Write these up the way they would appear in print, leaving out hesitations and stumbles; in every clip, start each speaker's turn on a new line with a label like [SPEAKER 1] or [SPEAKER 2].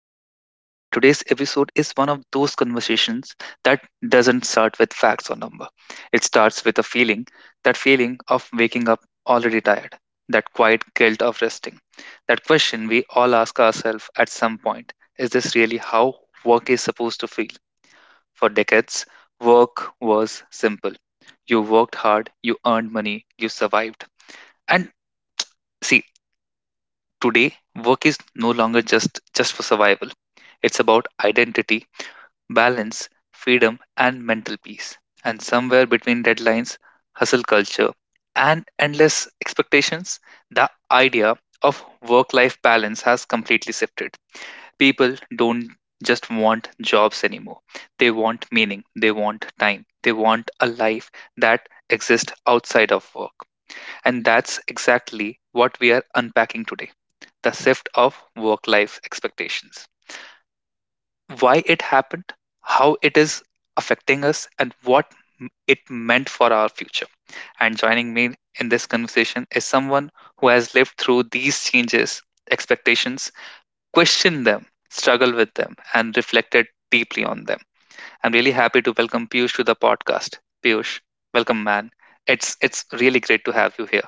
[SPEAKER 1] Manthan, and today's episode is one of those conversations that doesn't start with facts or number. It starts with a feeling, that feeling of waking up already tired, that quiet guilt of resting, that question we all ask ourselves at some point. Is this really how work is supposed to feel? For decades, work was simple. You worked hard, you earned money, you survived. And see, today, work is no longer just for survival. It's about identity, balance, freedom, and mental peace. And somewhere between deadlines, hustle culture, and endless expectations, the idea of work life balance has completely shifted. People don't just want jobs anymore. They want meaning, they want time, they want a life that exists outside of work. And that's exactly what we are unpacking today, the shift of work life expectations. Why it happened, how it is affecting us, and what it meant for our future. And joining me in this conversation is someone who has lived through these changes, expectations, questioned them, struggled with them, and reflected deeply on them. I'm really happy to welcome Piyush to the podcast. Piyush, welcome, man. It's really great to have you here.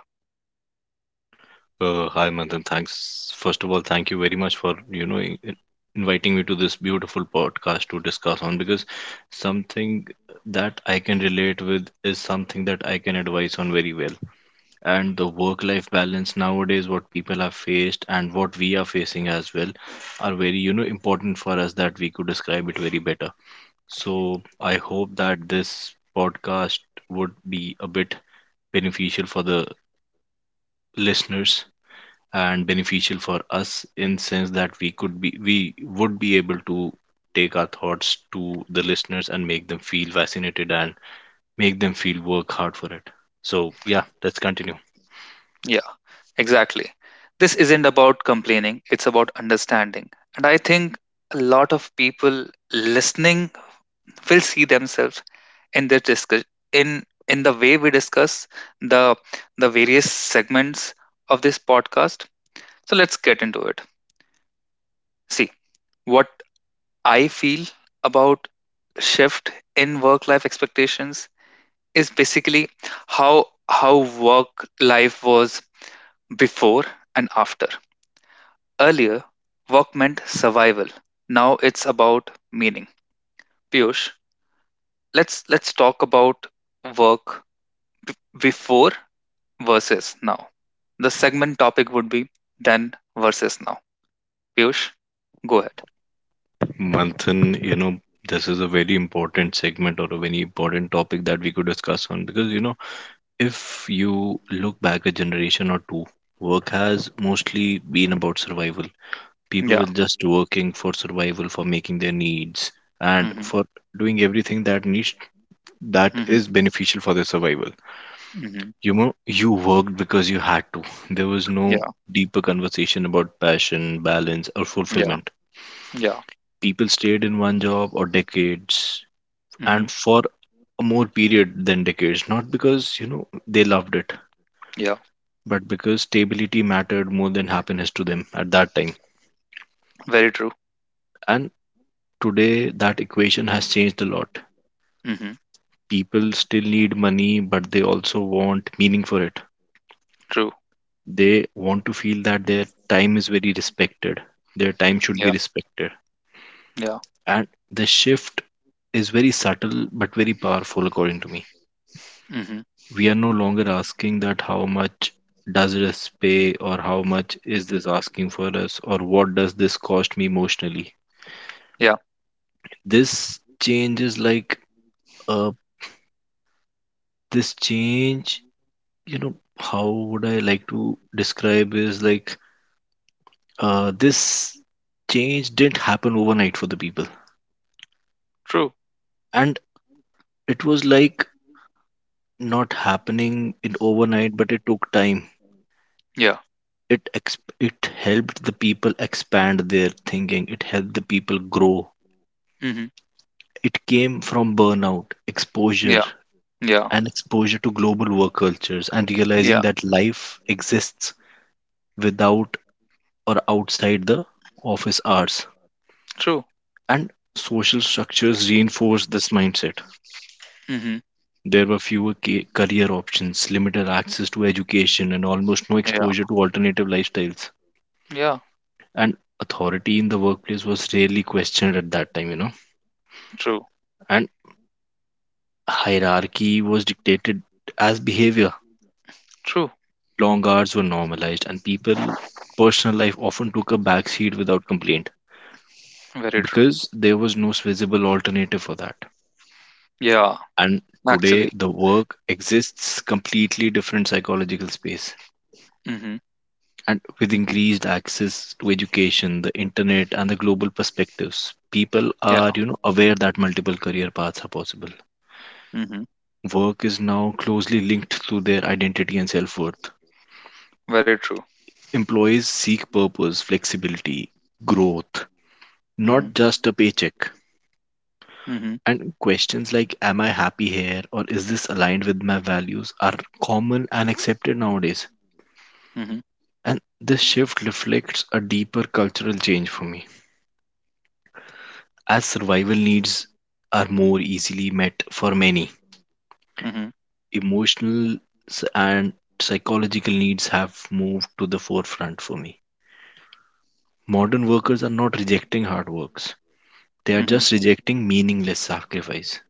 [SPEAKER 2] Hi, Manthan. Thanks. First of all, thank you very much for, inviting me to this beautiful podcast to discuss on because something that I can relate with is something that I can advise on very well. And the work-life balance nowadays, what people are faced and what we are facing as well, are very, important for us that we could describe it very better. So I hope that this podcast would be a bit beneficial for the listeners and beneficial for us in sense that we would be able to take our thoughts to the listeners and make them feel fascinated and make them feel work hard for it. So yeah, let's continue.
[SPEAKER 1] Yeah. Exactly. This isn't about complaining, it's about understanding. And I think a lot of people listening will see themselves in this discuss in the way we discuss the various segments of this podcast. So let's get into it. See, what I feel about shift in work life expectations is basically how work life was before and after. Earlier, work meant survival. Now it's about meaning. Piyush, let's talk about work before versus now. The segment topic would be then versus now. Piyush, go ahead.
[SPEAKER 2] Manthan, this is a very important segment or a very important topic that we could discuss on because if you look back a generation or two, work has mostly been about survival. People
[SPEAKER 1] Yeah.
[SPEAKER 2] were just working for survival, for making their needs and
[SPEAKER 1] Mm-hmm.
[SPEAKER 2] for doing everything that
[SPEAKER 1] Mm-hmm.
[SPEAKER 2] is beneficial for their survival.
[SPEAKER 1] Mm-hmm.
[SPEAKER 2] You know, you worked because you had to. There was no
[SPEAKER 1] Yeah.
[SPEAKER 2] deeper conversation about passion, balance, or
[SPEAKER 1] Yeah.
[SPEAKER 2] fulfillment.
[SPEAKER 1] Yeah.
[SPEAKER 2] People stayed in one job or decades,
[SPEAKER 1] Mm-hmm.
[SPEAKER 2] and for a more period than decades, not because they loved it,
[SPEAKER 1] Yeah.
[SPEAKER 2] but because stability mattered more than happiness to them at that time.
[SPEAKER 1] Very true.
[SPEAKER 2] And today, that equation has changed a lot.
[SPEAKER 1] Mm-hmm.
[SPEAKER 2] People still need money, but they also want meaning for it.
[SPEAKER 1] True.
[SPEAKER 2] They want to feel that their time is very respected, their time should
[SPEAKER 1] Yeah.
[SPEAKER 2] be respected.
[SPEAKER 1] Yeah.
[SPEAKER 2] And the shift is very subtle but very powerful, according to me.
[SPEAKER 1] Mm-hmm.
[SPEAKER 2] We are no longer asking that how much does this pay or how much is this asking for us or what does this cost me emotionally.
[SPEAKER 1] Yeah.
[SPEAKER 2] This change is like uh, this change, you know, how would I like to describe is this change didn't happen overnight for the people,
[SPEAKER 1] True.
[SPEAKER 2] and it was like not happening in overnight, but it took time.
[SPEAKER 1] Yeah.
[SPEAKER 2] It helped the people expand their thinking, it helped the people grow.
[SPEAKER 1] Mm-hmm.
[SPEAKER 2] It came from burnout exposure
[SPEAKER 1] Yeah. Yeah.
[SPEAKER 2] and exposure to global work cultures and
[SPEAKER 1] Yeah.
[SPEAKER 2] realizing that life exists without or outside the office hours.
[SPEAKER 1] True.
[SPEAKER 2] And social structures reinforce this mindset.
[SPEAKER 1] Mm-hmm.
[SPEAKER 2] There were fewer career options, limited access to education, and almost no
[SPEAKER 1] Yeah.
[SPEAKER 2] exposure to alternative lifestyles.
[SPEAKER 1] Yeah.
[SPEAKER 2] And authority in the workplace was rarely questioned at that time,
[SPEAKER 1] True.
[SPEAKER 2] And hierarchy was dictated as behavior.
[SPEAKER 1] True.
[SPEAKER 2] Long hours were normalized, and people personal life often took a backseat without complaint
[SPEAKER 1] Very true.
[SPEAKER 2] because there was no visible alternative for that.
[SPEAKER 1] Yeah.
[SPEAKER 2] And today,
[SPEAKER 1] Actually.
[SPEAKER 2] the work exists completely different psychological space.
[SPEAKER 1] Mhm.
[SPEAKER 2] And with increased access to education, the internet, and the global perspectives, people
[SPEAKER 1] Yeah.
[SPEAKER 2] are, aware that multiple career paths are possible.
[SPEAKER 1] Mhm.
[SPEAKER 2] Work is now closely linked to their identity and self-worth.
[SPEAKER 1] Very true.
[SPEAKER 2] Employees seek purpose, flexibility, growth,
[SPEAKER 1] Mhm.
[SPEAKER 2] not just a paycheck.
[SPEAKER 1] Mhm.
[SPEAKER 2] And questions like am I happy here or is this aligned with my values are common and accepted nowadays.
[SPEAKER 1] Mhm.
[SPEAKER 2] And this shift reflects a deeper cultural change for me. As survival needs are more easily met for many,
[SPEAKER 1] Mhm.
[SPEAKER 2] emotional s- and psychological needs have moved to the forefront for me. Modern workers are not rejecting hard works, they are
[SPEAKER 1] Mhm.
[SPEAKER 2] just rejecting meaningless sacrifice.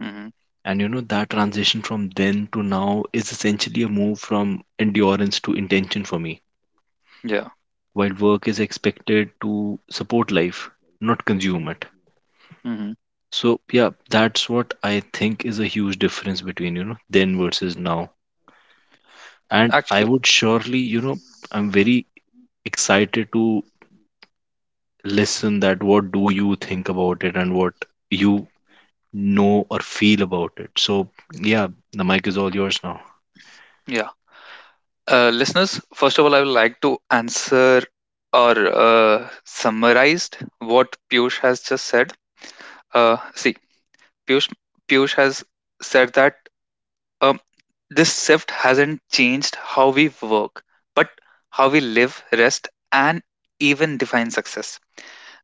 [SPEAKER 1] Mhm.
[SPEAKER 2] And that transition from then to now is essentially a move from endurance to intention for me,
[SPEAKER 1] Yeah.
[SPEAKER 2] while work is expected to support life, not consume it.
[SPEAKER 1] Mhm.
[SPEAKER 2] So, yeah, that's what I think is a huge difference between, then versus now. And I
[SPEAKER 1] Actually,
[SPEAKER 2] would surely, I'm very excited to listen that what do you think about it and what you know or feel about it. So yeah, the mic is all yours now.
[SPEAKER 1] yeah. Listeners, first of all, I would like to answer or summarized what Piyush has just said. See, Piyush, Piyush has said that um, this shift hasn't changed how we work, but how we live, rest, and even define success.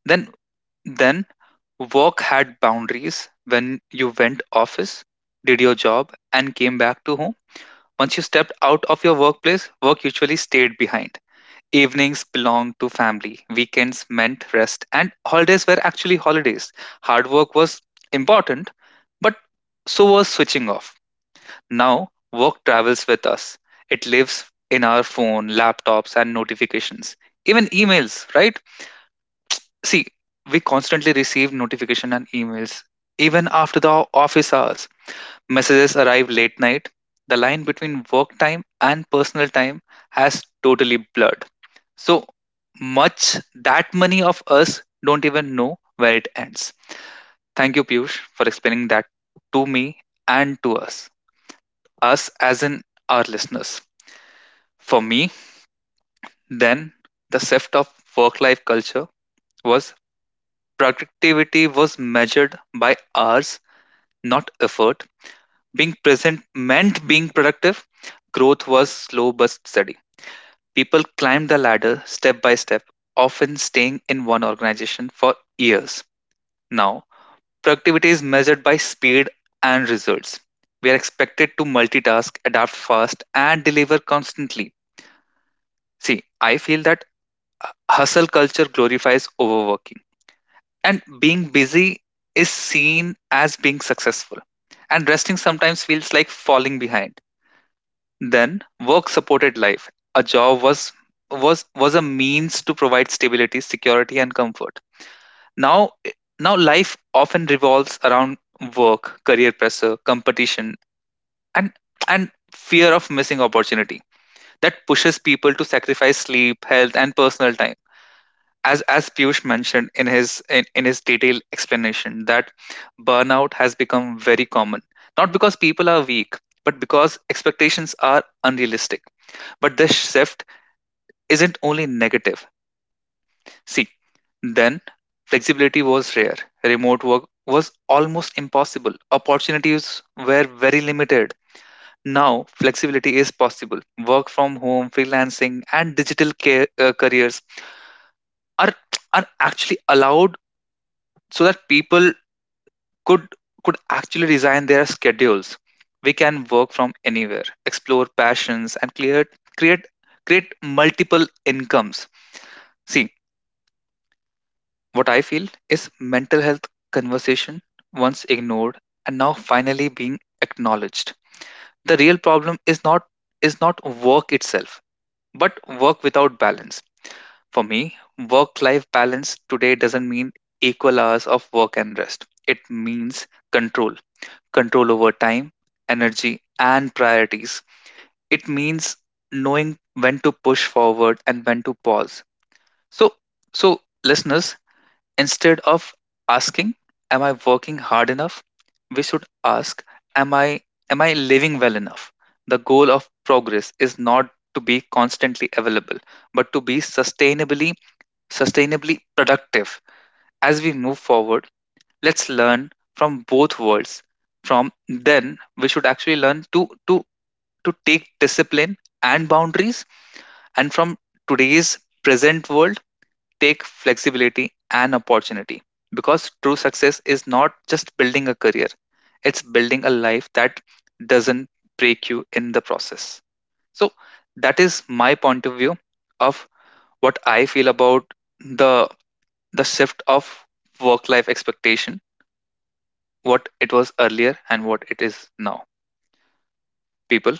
[SPEAKER 1] Then Then, work had boundaries when you went office, did your job, and came back to home. Once you stepped out of your workplace, work usually stayed behind. Evenings belonged to family, weekends meant rest, and holidays were actually holidays. Hard work was important, but so was switching off. Now, work travels with us. It lives in our phone, laptops, and notifications. Even emails, right? See, we constantly receive notification and emails. Even after the office hours, messages arrive late night. The line between work time and personal time has totally blurred. So much that many of us don't even know where it ends. Thank you, Piyush, for explaining that to me and to us, us as in our listeners. For me, then, the shift of work life culture was productivity was measured by hours not effort. Being present meant being productive. Growth was slow but steady. People climbed the ladder step by step, often staying in one organization for years. Now, productivity is measured by speed and results. We are expected to multitask, adapt fast, and deliver constantly. See, I feel that hustle culture glorifies overworking, and being busy is seen as being successful. And resting sometimes feels like falling behind. Then, work-supported life. A job was a means to provide stability, security, and comfort. Now, now life often revolves around work, career pressure, competition, and fear of missing opportunity that pushes people to sacrifice sleep, health, and personal time. As Piyush mentioned in his detailed explanation, that burnout has become very common. Not because people are weak, but because expectations are unrealistic. But this shift isn't only negative. See, then flexibility was rare. Remote work was almost impossible. Opportunities were very limited. Now, flexibility is possible. Work from home, freelancing, and digital careers are, are actually allowed so that people could, could actually design their schedules. We can work from anywhere, explore passions, and create, create multiple incomes. See, what I feel is mental health conversation once ignored and now finally being acknowledged. The real problem is not work itself, but work without balance. For me, work life balance today doesn't mean equal hours of work and rest. It means control, control over time, energy and priorities. It means knowing when to push forward and when to pause. So so listeners, instead of asking, "Am I working hard enough?" we should ask, Am I am I living well enough? The goal of progress is not to be constantly available, but to be sustainably productive. As we move forward, let's learn from both worlds. From then we should actually learn to take discipline and boundaries, and from today's present world take flexibility and opportunity, because true success is not just building a career, it's building a life that doesn't break you in the process. So that is my point of view of what I feel about the the shift of work life expectation, what it was earlier and what it is now. People,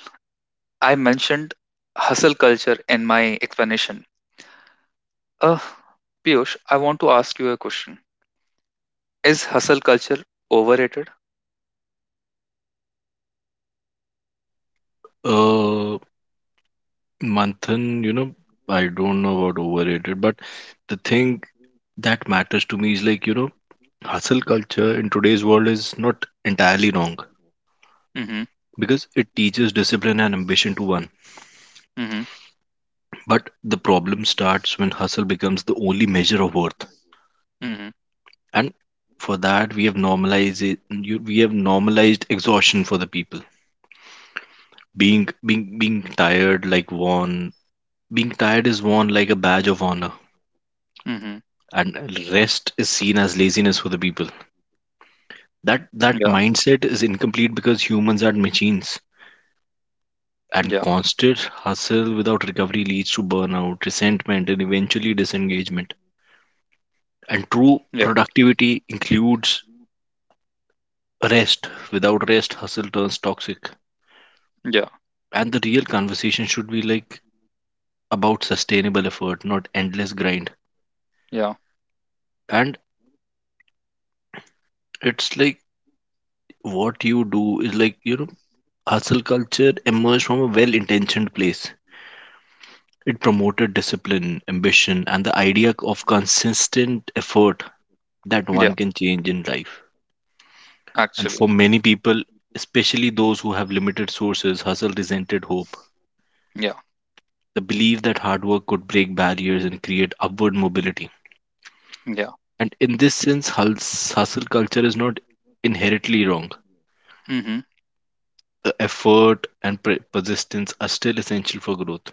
[SPEAKER 1] I mentioned hustle culture in my explanation. Uh, Piyush, I want to ask you a question. Is hustle culture overrated?
[SPEAKER 2] uh Manthan, I don't know about overrated, but the thing that matters to me is like, hustle culture in today's world is not entirely wrong
[SPEAKER 1] Mm-hmm.
[SPEAKER 2] because it teaches discipline and ambition to one,
[SPEAKER 1] Mm-hmm.
[SPEAKER 2] but the problem starts when hustle becomes the only measure of worth.
[SPEAKER 1] Mm-hmm.
[SPEAKER 2] And for that we have normalized it, you, we have normalized exhaustion for the people. Being being being tired like worn, being tired is worn like a badge of honor,
[SPEAKER 1] Mm-hmm.
[SPEAKER 2] and rest is seen as laziness for the people. That
[SPEAKER 1] Yeah.
[SPEAKER 2] mindset is incomplete because humans are machines, and
[SPEAKER 1] Yeah.
[SPEAKER 2] constant hustle without recovery leads to burnout, resentment, and eventually disengagement. And true
[SPEAKER 1] Yeah.
[SPEAKER 2] productivity includes rest. Without rest, hustle turns toxic.
[SPEAKER 1] Yeah.
[SPEAKER 2] And the real conversation should be like about sustainable effort, not endless grind.
[SPEAKER 1] Yeah.
[SPEAKER 2] And it's like what you do is like, hustle culture emerged from a well intentioned place. It promoted discipline, ambition, and the idea of consistent effort that one
[SPEAKER 1] Yeah.
[SPEAKER 2] can change in life. And
[SPEAKER 1] Actually.
[SPEAKER 2] for many people, especially those who have limited sources, hustle resented hope.
[SPEAKER 1] Yeah.
[SPEAKER 2] The belief that hard work could break barriers and create upward mobility.
[SPEAKER 1] Yeah.
[SPEAKER 2] And in this sense, hustle culture is not inherently wrong.
[SPEAKER 1] Mm-hmm.
[SPEAKER 2] The effort and persistence are still essential for growth.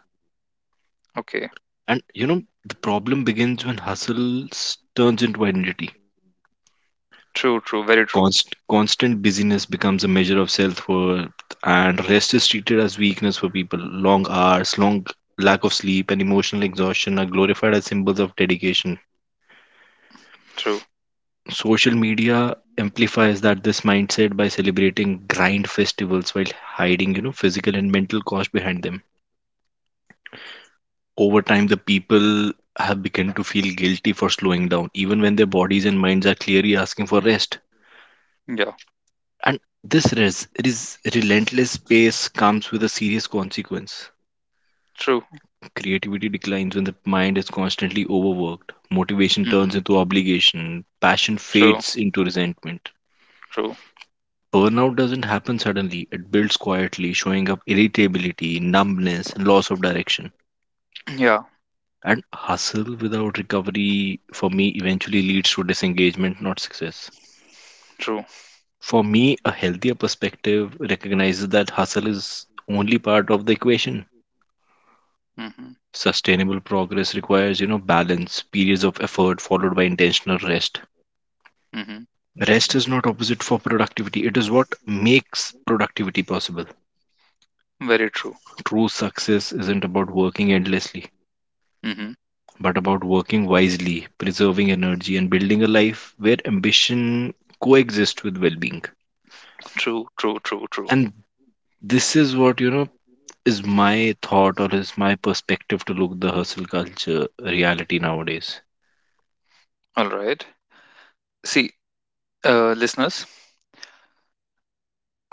[SPEAKER 1] Okay.
[SPEAKER 2] And the problem begins when hustle turns into identity.
[SPEAKER 1] True. True. Very true.
[SPEAKER 2] Constant busyness becomes a measure of self worth, and rest is treated as weakness for people. Long hours, long lack of sleep, and emotional exhaustion are glorified as symbols of dedication.
[SPEAKER 1] True.
[SPEAKER 2] Social media amplifies that this mindset by celebrating grind festivals while hiding, physical and mental cost behind them. Over time, the people have begun to feel guilty for slowing down, even when their bodies and minds are clearly asking for rest.
[SPEAKER 1] Yeah.
[SPEAKER 2] And this relentless pace comes with a serious consequence.
[SPEAKER 1] True.
[SPEAKER 2] Creativity declines when the mind is constantly overworked. Motivation turns
[SPEAKER 1] Mm-hmm.
[SPEAKER 2] into obligation. Passion
[SPEAKER 1] True.
[SPEAKER 2] fades into resentment.
[SPEAKER 1] True.
[SPEAKER 2] Burnout doesn't happen suddenly, it builds quietly, showing up irritability, numbness, and loss of direction.
[SPEAKER 1] Yeah.
[SPEAKER 2] And hustle without recovery for me eventually leads to disengagement, not success.
[SPEAKER 1] True.
[SPEAKER 2] For me, a healthier perspective recognizes that hustle is only part of the equation.
[SPEAKER 1] Mm-hmm.
[SPEAKER 2] Sustainable progress requires, balance, periods of effort followed by intentional rest.
[SPEAKER 1] Mm-hmm.
[SPEAKER 2] Rest is not opposite for productivity. It is what makes productivity possible.
[SPEAKER 1] Very true.
[SPEAKER 2] True success isn't about working endlessly,
[SPEAKER 1] Mm-hmm.
[SPEAKER 2] but about working wisely, preserving energy and building a life where ambition coexists with well-being.
[SPEAKER 1] True. True. True. True.
[SPEAKER 2] And this is what, is my thought or is my perspective to look the hustle culture reality nowadays.
[SPEAKER 1] All right. See, listeners,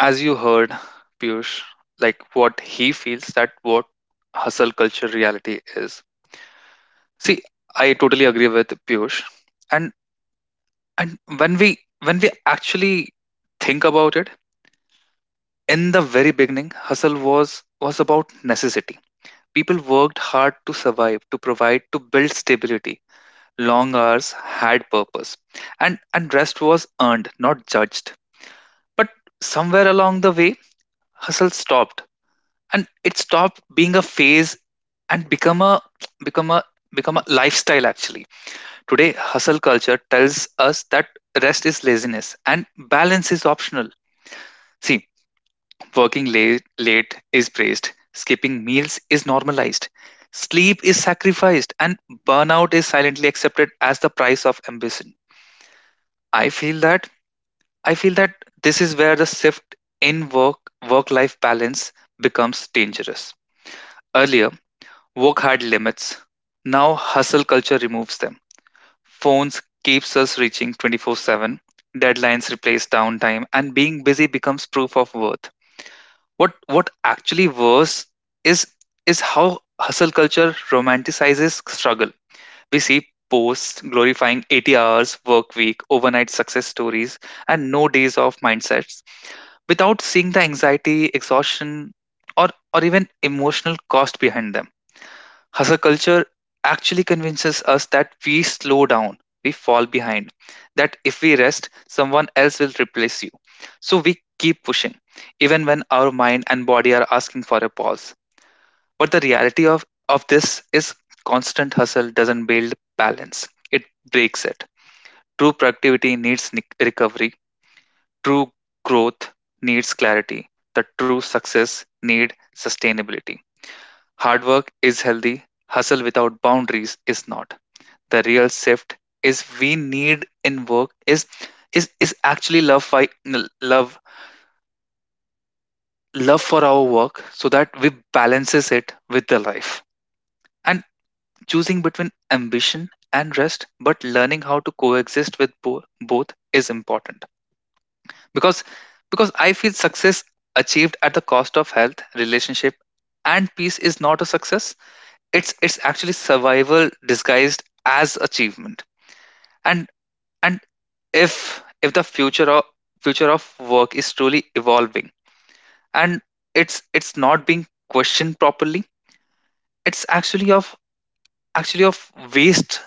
[SPEAKER 1] as you heard Piyush, like what he feels that what hustle culture reality is. See, I totally agree with Piyush, and and when we when we actually think about it, in the very beginning, hustle was about necessity. People worked hard to survive, to provide, to build stability. Long hours had purpose, and rest was earned, not judged. But somewhere along the way, hustle stopped, and it stopped being a phase and become a become a lifestyle. Actually, today hustle culture tells us that rest is laziness and balance is optional. See, working late is praised, skipping meals is normalized, sleep is sacrificed, and burnout is silently accepted as the price of ambition. I feel that i feel that this is where the shift in work life balance becomes dangerous. Earlier, work had limits. Now hustle culture removes them. Phones keeps us reaching 24/7. Deadlines replace downtime and being busy becomes proof of worth. What actually worse is is how hustle culture romanticizes struggle. We see posts glorifying 80 hours work week, overnight success stories and no days off mindsets, without seeing the anxiety, exhaustion, or even emotional cost behind them. Hustle culture actually convinces us that we slow down, we fall behind, that if we rest, someone else will replace you. So we keep pushing, even when our mind and body are asking for a pause. But the reality of this is constant hustle doesn't build balance, it breaks it. True productivity needs recovery, true growth needs clarity, the true success need sustainability. Hard work is healthy, hustle without boundaries is not. The real shift is we need in work is actually love fi- n- love love for our work so that we balances it with the life, and choosing between ambition and rest but learning how to coexist with both is important, because I feel success achieved at the cost of health, relationship and peace is not a success, it's actually survival disguised as achievement. And and if if the future of work is truly evolving, and it's not being questioned properly, it's actually of waste,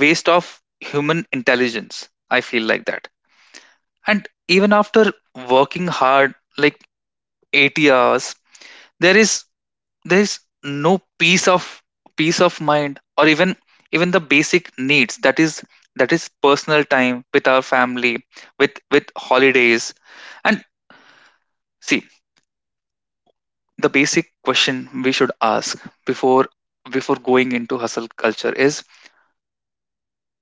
[SPEAKER 1] waste of human intelligence, I feel like that. And even after working hard like 80 hours, there is there is no peace of peace of mind, or even even the basic needs, that is personal time with our family, with holidays. And see, the basic question we should ask before before going into hustle culture is,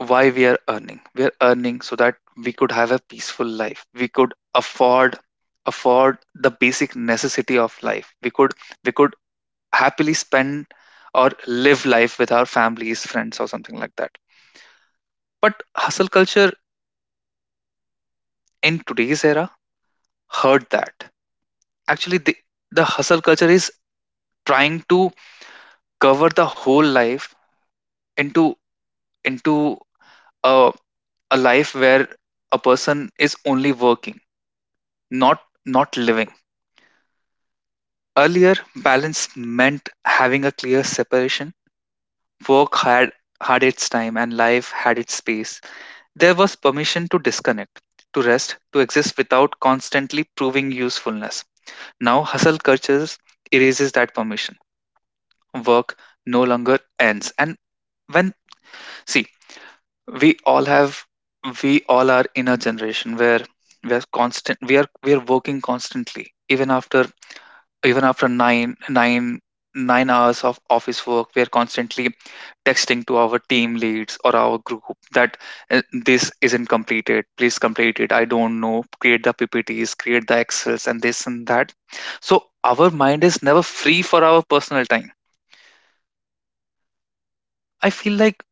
[SPEAKER 1] why we are earning? We are earning so that we could have a peaceful life, we could afford the basic necessity of life, we could happily spend or live life with our families, friends or something like that. But hustle culture in today's era heard that actually the hustle culture is trying to cover the whole life into into a life where a person is only working, not living. Earlier, balance meant having a clear separation. Work had its time and life had its space. There was permission to disconnect, to rest, to exist without constantly proving usefulness. Now hustle cultures erases that permission. Work no longer ends. And when see, we all have we all are in a generation where we are working constantly even after nine hours of office work. We are constantly texting to our team leads or our group that, this isn't completed, please complete it, I don't know, create the ppts, create the excels, and this and that. So our mind is never free for our personal time. I feel like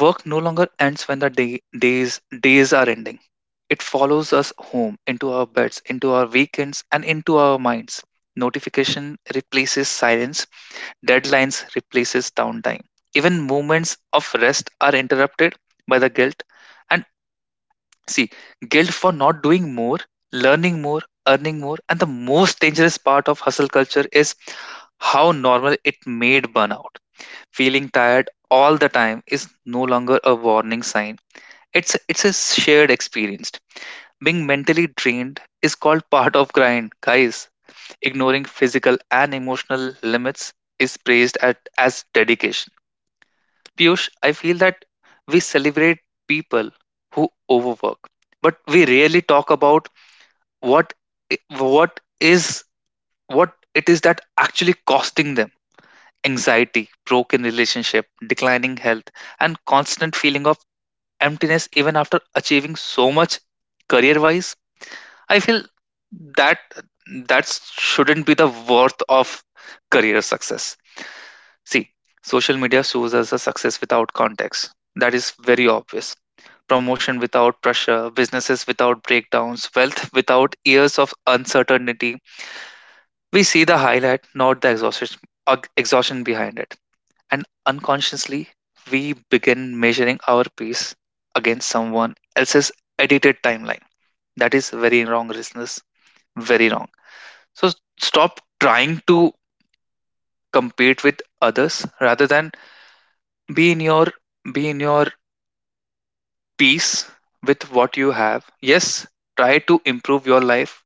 [SPEAKER 1] work no longer ends when the days are ending. It follows us home, into our beds, into our weekends, and into our minds. Notification replaces silence, deadlines replaces downtime. Even moments of rest are interrupted by the guilt. And see, guilt for not doing more, learning more, earning more, and the most dangerous part of hustle culture is how normal it made burnout. Feeling tired all the time is no longer a warning sign. It's a shared experience. Being mentally drained is called part of grind, guys. Ignoring physical and emotional limits is praised at, as dedication. Piyush, I feel that we celebrate people who overwork, but we rarely talk about what i- what is what it is that actually costing them. Anxiety, broken relationship, declining health, and constant feeling of emptiness even after achieving so much career wise. I feel that that shouldn't be the worth of career success. See, social media shows us a success without context. That is very obvious. Promotion without pressure, businesses without breakdowns, wealth without years of uncertainty. We see the highlight, not the exhaustion, exhaustion behind it. And unconsciously, we begin measuring our pace against someone else's edited timeline. That is very wrong, listeners. Very wrong. So stop trying to compete with others rather than be in your be in your peace with what you have. Yes, try to improve your life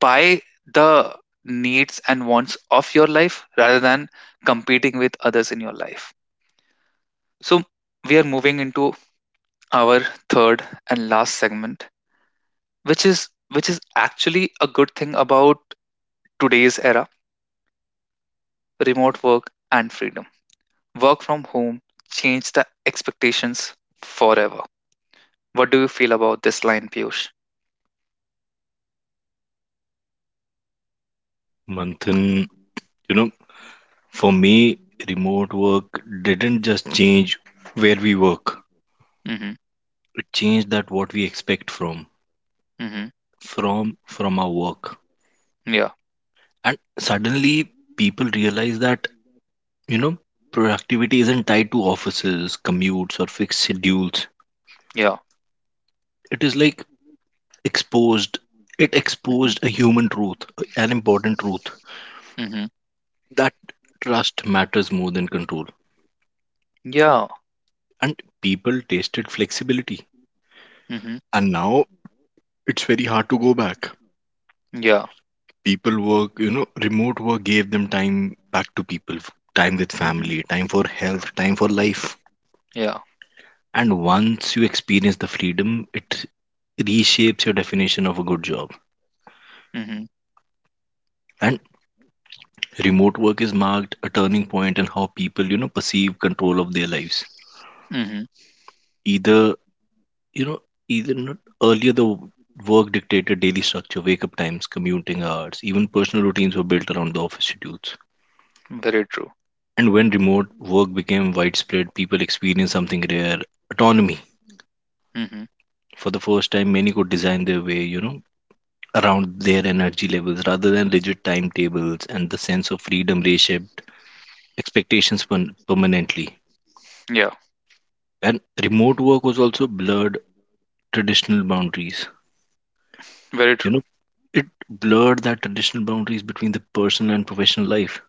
[SPEAKER 1] by the needs and wants of your life rather than competing with others in your life. So we are moving into our third and last segment, which is actually a good thing about today's era, remote work and freedom. Work from home changed the expectations forever. What do you feel about this line, Piyush?
[SPEAKER 2] Manthan, know for me, remote work didn't just change where we work,
[SPEAKER 1] Mm-hmm.
[SPEAKER 2] it changed that what we expect from
[SPEAKER 1] Mm-hmm.
[SPEAKER 2] from from our work.
[SPEAKER 1] Yeah.
[SPEAKER 2] And suddenly people realize that, you know productivity isn't tied to offices, commutes, or fixed schedules.
[SPEAKER 1] Yeah.
[SPEAKER 2] It is like exposed, it
[SPEAKER 1] Mm-hmm.
[SPEAKER 2] exposed a human truth, an important truth.
[SPEAKER 1] Mm-hmm.
[SPEAKER 2] That trust matters more than control.
[SPEAKER 1] Yeah.
[SPEAKER 2] And people tasted flexibility.
[SPEAKER 1] Mm-hmm.
[SPEAKER 2] And now it's very hard to go back.
[SPEAKER 1] Yeah.
[SPEAKER 2] People work, remote work gave them time back to people, time with
[SPEAKER 1] Mm-hmm.
[SPEAKER 2] family, time for health, time for life.
[SPEAKER 1] Yeah.
[SPEAKER 2] And once you experience the freedom, it reshapes your definition of a good job.
[SPEAKER 1] Mm-hmm.
[SPEAKER 2] And remote work is marked a turning point in how people, perceive control of their lives.
[SPEAKER 1] Mm-hmm.
[SPEAKER 2] Either you know, even not earlier, the work dictated daily structure, wake up times, commuting hours, even personal routines were built around the office schedules.
[SPEAKER 1] Very true.
[SPEAKER 2] And when remote work became widespread, people experienced something rare, autonomy.
[SPEAKER 1] Mm-hmm.
[SPEAKER 2] For the first time, many could design their way, around their energy levels rather than rigid timetables, and the sense of freedom reshaped expectations permanently.
[SPEAKER 1] Yeah.
[SPEAKER 2] And remote work was also blurred traditional boundaries.
[SPEAKER 1] Very
[SPEAKER 2] You
[SPEAKER 1] true.
[SPEAKER 2] know, it blurred that traditional boundaries between the personal and professional life,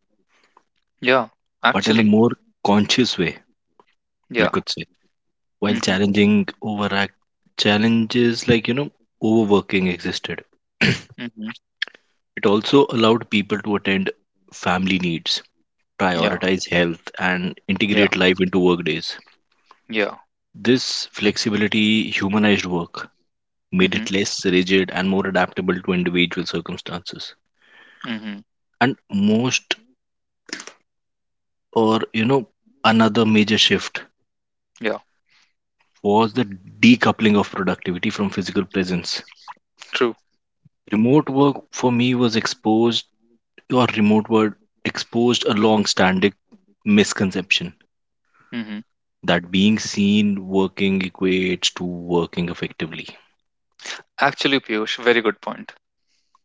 [SPEAKER 1] Yeah.
[SPEAKER 2] but in a
[SPEAKER 1] Actually.
[SPEAKER 2] more conscious way, we
[SPEAKER 1] Yeah.
[SPEAKER 2] could say, while
[SPEAKER 1] Mm-hmm.
[SPEAKER 2] challenging overact challenges like, overworking existed. It
[SPEAKER 1] Mm-hmm.
[SPEAKER 2] also allowed people to attend family needs,
[SPEAKER 1] Yeah.
[SPEAKER 2] prioritize health, and
[SPEAKER 1] Yeah.
[SPEAKER 2] integrate life into workdays.
[SPEAKER 1] Yeah.
[SPEAKER 2] This flexibility humanized work, made
[SPEAKER 1] Mm-hmm.
[SPEAKER 2] it less rigid and more adaptable to individual circumstances.
[SPEAKER 1] Mm-hmm.
[SPEAKER 2] And most, or another major shift
[SPEAKER 1] Yeah,
[SPEAKER 2] was the decoupling of productivity from physical presence.
[SPEAKER 1] true.
[SPEAKER 2] Remote work for me was exposed, or Remote work exposed a long standing misconception
[SPEAKER 1] Hmm.
[SPEAKER 2] that being seen working equates to working effectively.
[SPEAKER 1] Actually, Piyush, very good point.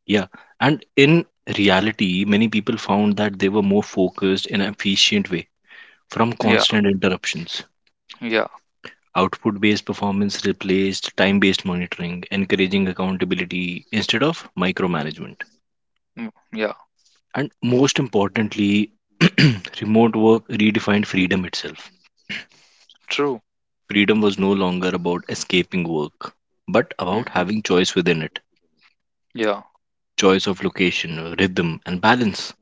[SPEAKER 2] Yeah. And in reality, many people found that they were more focused in an efficient way from
[SPEAKER 1] Yeah,
[SPEAKER 2] constant interruptions.
[SPEAKER 1] yeah,
[SPEAKER 2] Output based performance replaced time based monitoring, encouraging accountability instead of micromanagement.
[SPEAKER 1] mm, yeah,
[SPEAKER 2] And most importantly, remote work redefined freedom itself.
[SPEAKER 1] true.
[SPEAKER 2] Freedom was no longer about escaping work, but about
[SPEAKER 1] Hmm.
[SPEAKER 2] having choice within it,
[SPEAKER 1] Yeah.
[SPEAKER 2] choice of location, rhythm, and balance.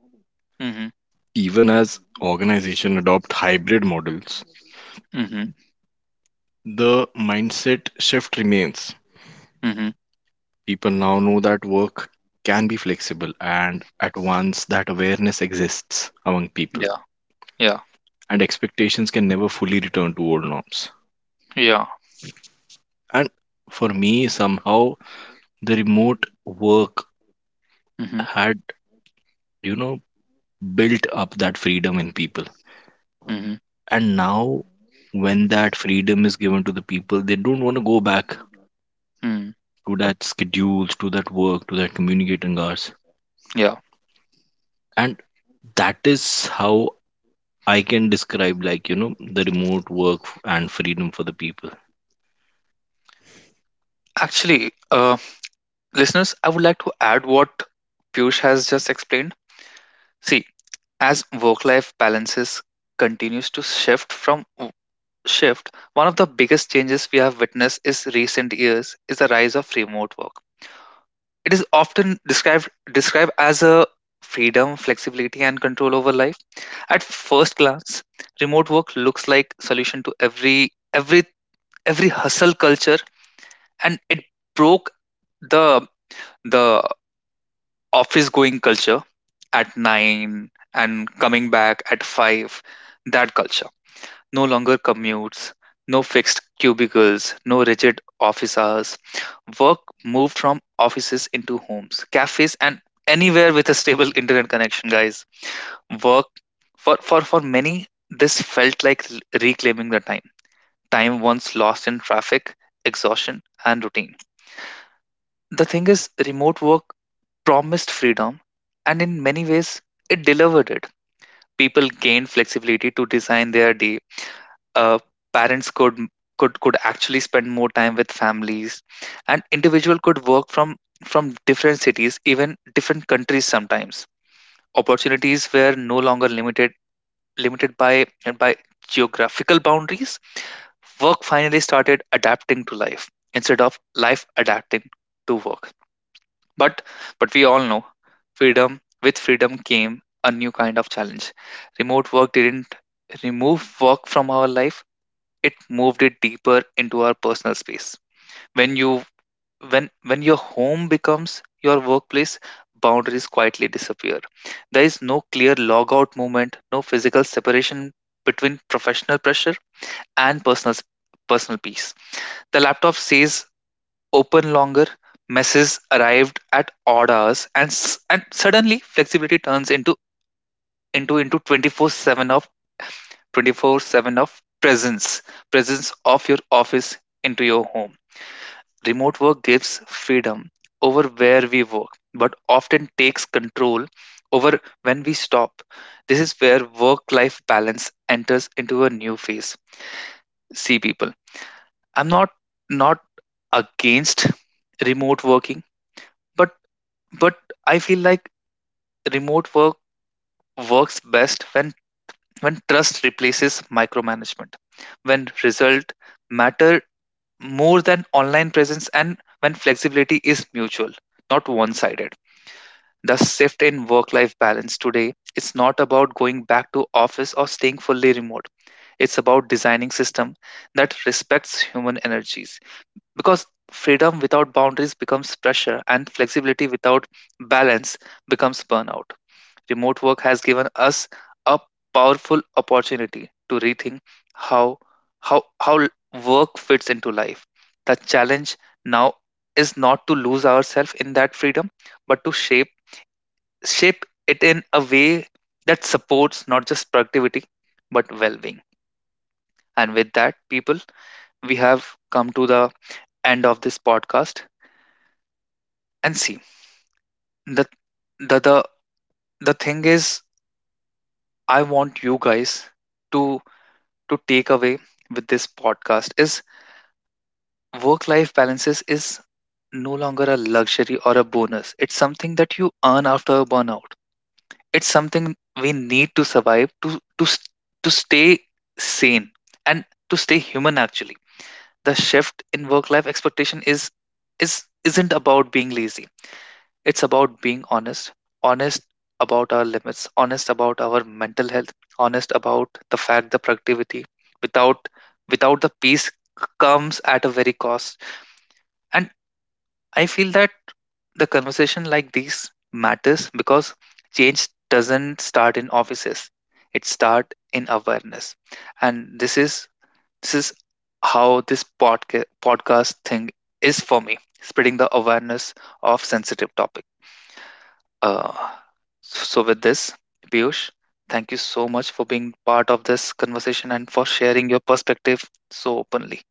[SPEAKER 1] Hmm.
[SPEAKER 2] Even as organizations adopt hybrid models,
[SPEAKER 1] Hmm.
[SPEAKER 2] the mindset shift remains.
[SPEAKER 1] Hmm.
[SPEAKER 2] People now know that work can be flexible, and at once that awareness exists among people,
[SPEAKER 1] Yeah, yeah,
[SPEAKER 2] and expectations can never fully return to old norms.
[SPEAKER 1] yeah.
[SPEAKER 2] And for me, somehow, the remote work
[SPEAKER 1] Hmm.
[SPEAKER 2] had, you know, built up that freedom in people.
[SPEAKER 1] Hmm.
[SPEAKER 2] And now, when that freedom is given to the people, they don't want to go back
[SPEAKER 1] Mm.
[SPEAKER 2] to that schedules, to that work, to that communicating hours.
[SPEAKER 1] Yeah.
[SPEAKER 2] And that is how I can describe, like, the remote work and freedom for the people.
[SPEAKER 1] Actually, listeners, I would like to add what Piyush has just explained. See, as work-life balances continues to shift, one of the biggest changes we have witnessed is recent years is the rise of remote work. It is often described as a freedom, flexibility, and control over life. At first glance, remote work looks like solution to every hustle culture, and it broke the the office going culture at nine and coming back at five. That culture no longer commutes, no fixed cubicles, no rigid office hours. Work moved from offices into homes, cafes, and anywhere with a stable internet connection, guys. Work for many, this felt like reclaiming the time. Time once lost in traffic, exhaustion, and routine. The thing is, remote work promised freedom, and in many ways, it delivered it. People gained flexibility to design their day. Uh, parents could actually spend more time with families, and individual could work from different cities, even different countries sometimes. Opportunities were no longer limited by by geographical boundaries. Work finally started adapting to life instead of life adapting to work, but we all know, freedom, with freedom came a new kind of challenge. Remote work didn't remove work from our life. It moved it deeper into our personal space. When you when your home becomes your workplace, boundaries quietly disappear. There is no clear log out movement, no physical separation between professional pressure and personal peace. The laptop says open longer. Messages arrived at odd hours, and and suddenly flexibility turns into 24/7 of 24/7 of presence presence of your office into your home. Remote work gives freedom over where we work, but often takes control over when we stop. This is where work life balance enters into a new phase. See people, I'm not against remote working, but but I feel like remote work works best when trust replaces micromanagement, when result matter more than online presence, and when flexibility is mutual, not one sided. The shift in work life balance today is not about going back to office or staying fully remote. It's about designing system that respects human energies, because freedom without boundaries becomes pressure and flexibility without balance becomes burnout. Remote work has given us a powerful opportunity to rethink how how how work fits into life. The challenge now is not to lose ourselves in that freedom, but to shape it in a way that supports not just productivity but well-being. And with that, people, we have come to the end of this podcast. And see, the the the, the thing is, I want you guys to take away with this podcast is work life balances is no longer a luxury or a bonus. It's something that you earn after a burnout. It's something we need to survive, to s- to stay sane and to stay human actually. The shift in work life expectation is isn't about being lazy. It's about being honest, honest about our limits, honest about our mental health, honest about the fact the productivity without without the peace comes at a very cost. And I feel that the conversation like these matters because change doesn't start in offices. It start in awareness. And this is how this podcast thing is for me, spreading the awareness of sensitive topics. Uh, so, with this, Piyush, thank you so much for being part of this conversation and for sharing your perspective so openly.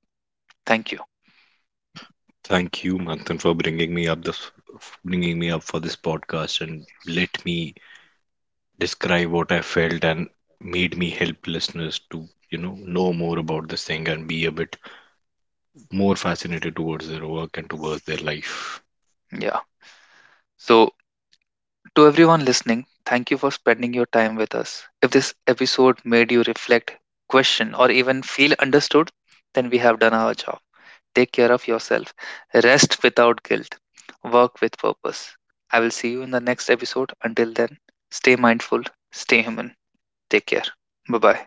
[SPEAKER 1] Thank you.
[SPEAKER 2] Thank you, Manthan, for bringing me up for this podcast and let me describe what I felt and made me help listeners to, know more about this thing and be a bit more fascinated towards their work and towards their life.
[SPEAKER 1] Yeah. So, to everyone listening, thank you for spending your time with us. If this episode made you reflect, question, or even feel understood, then we have done our job. Take care of yourself, rest without guilt, work with purpose. I will see you in the next episode. Until then, stay mindful, stay human. Take care. Bye bye.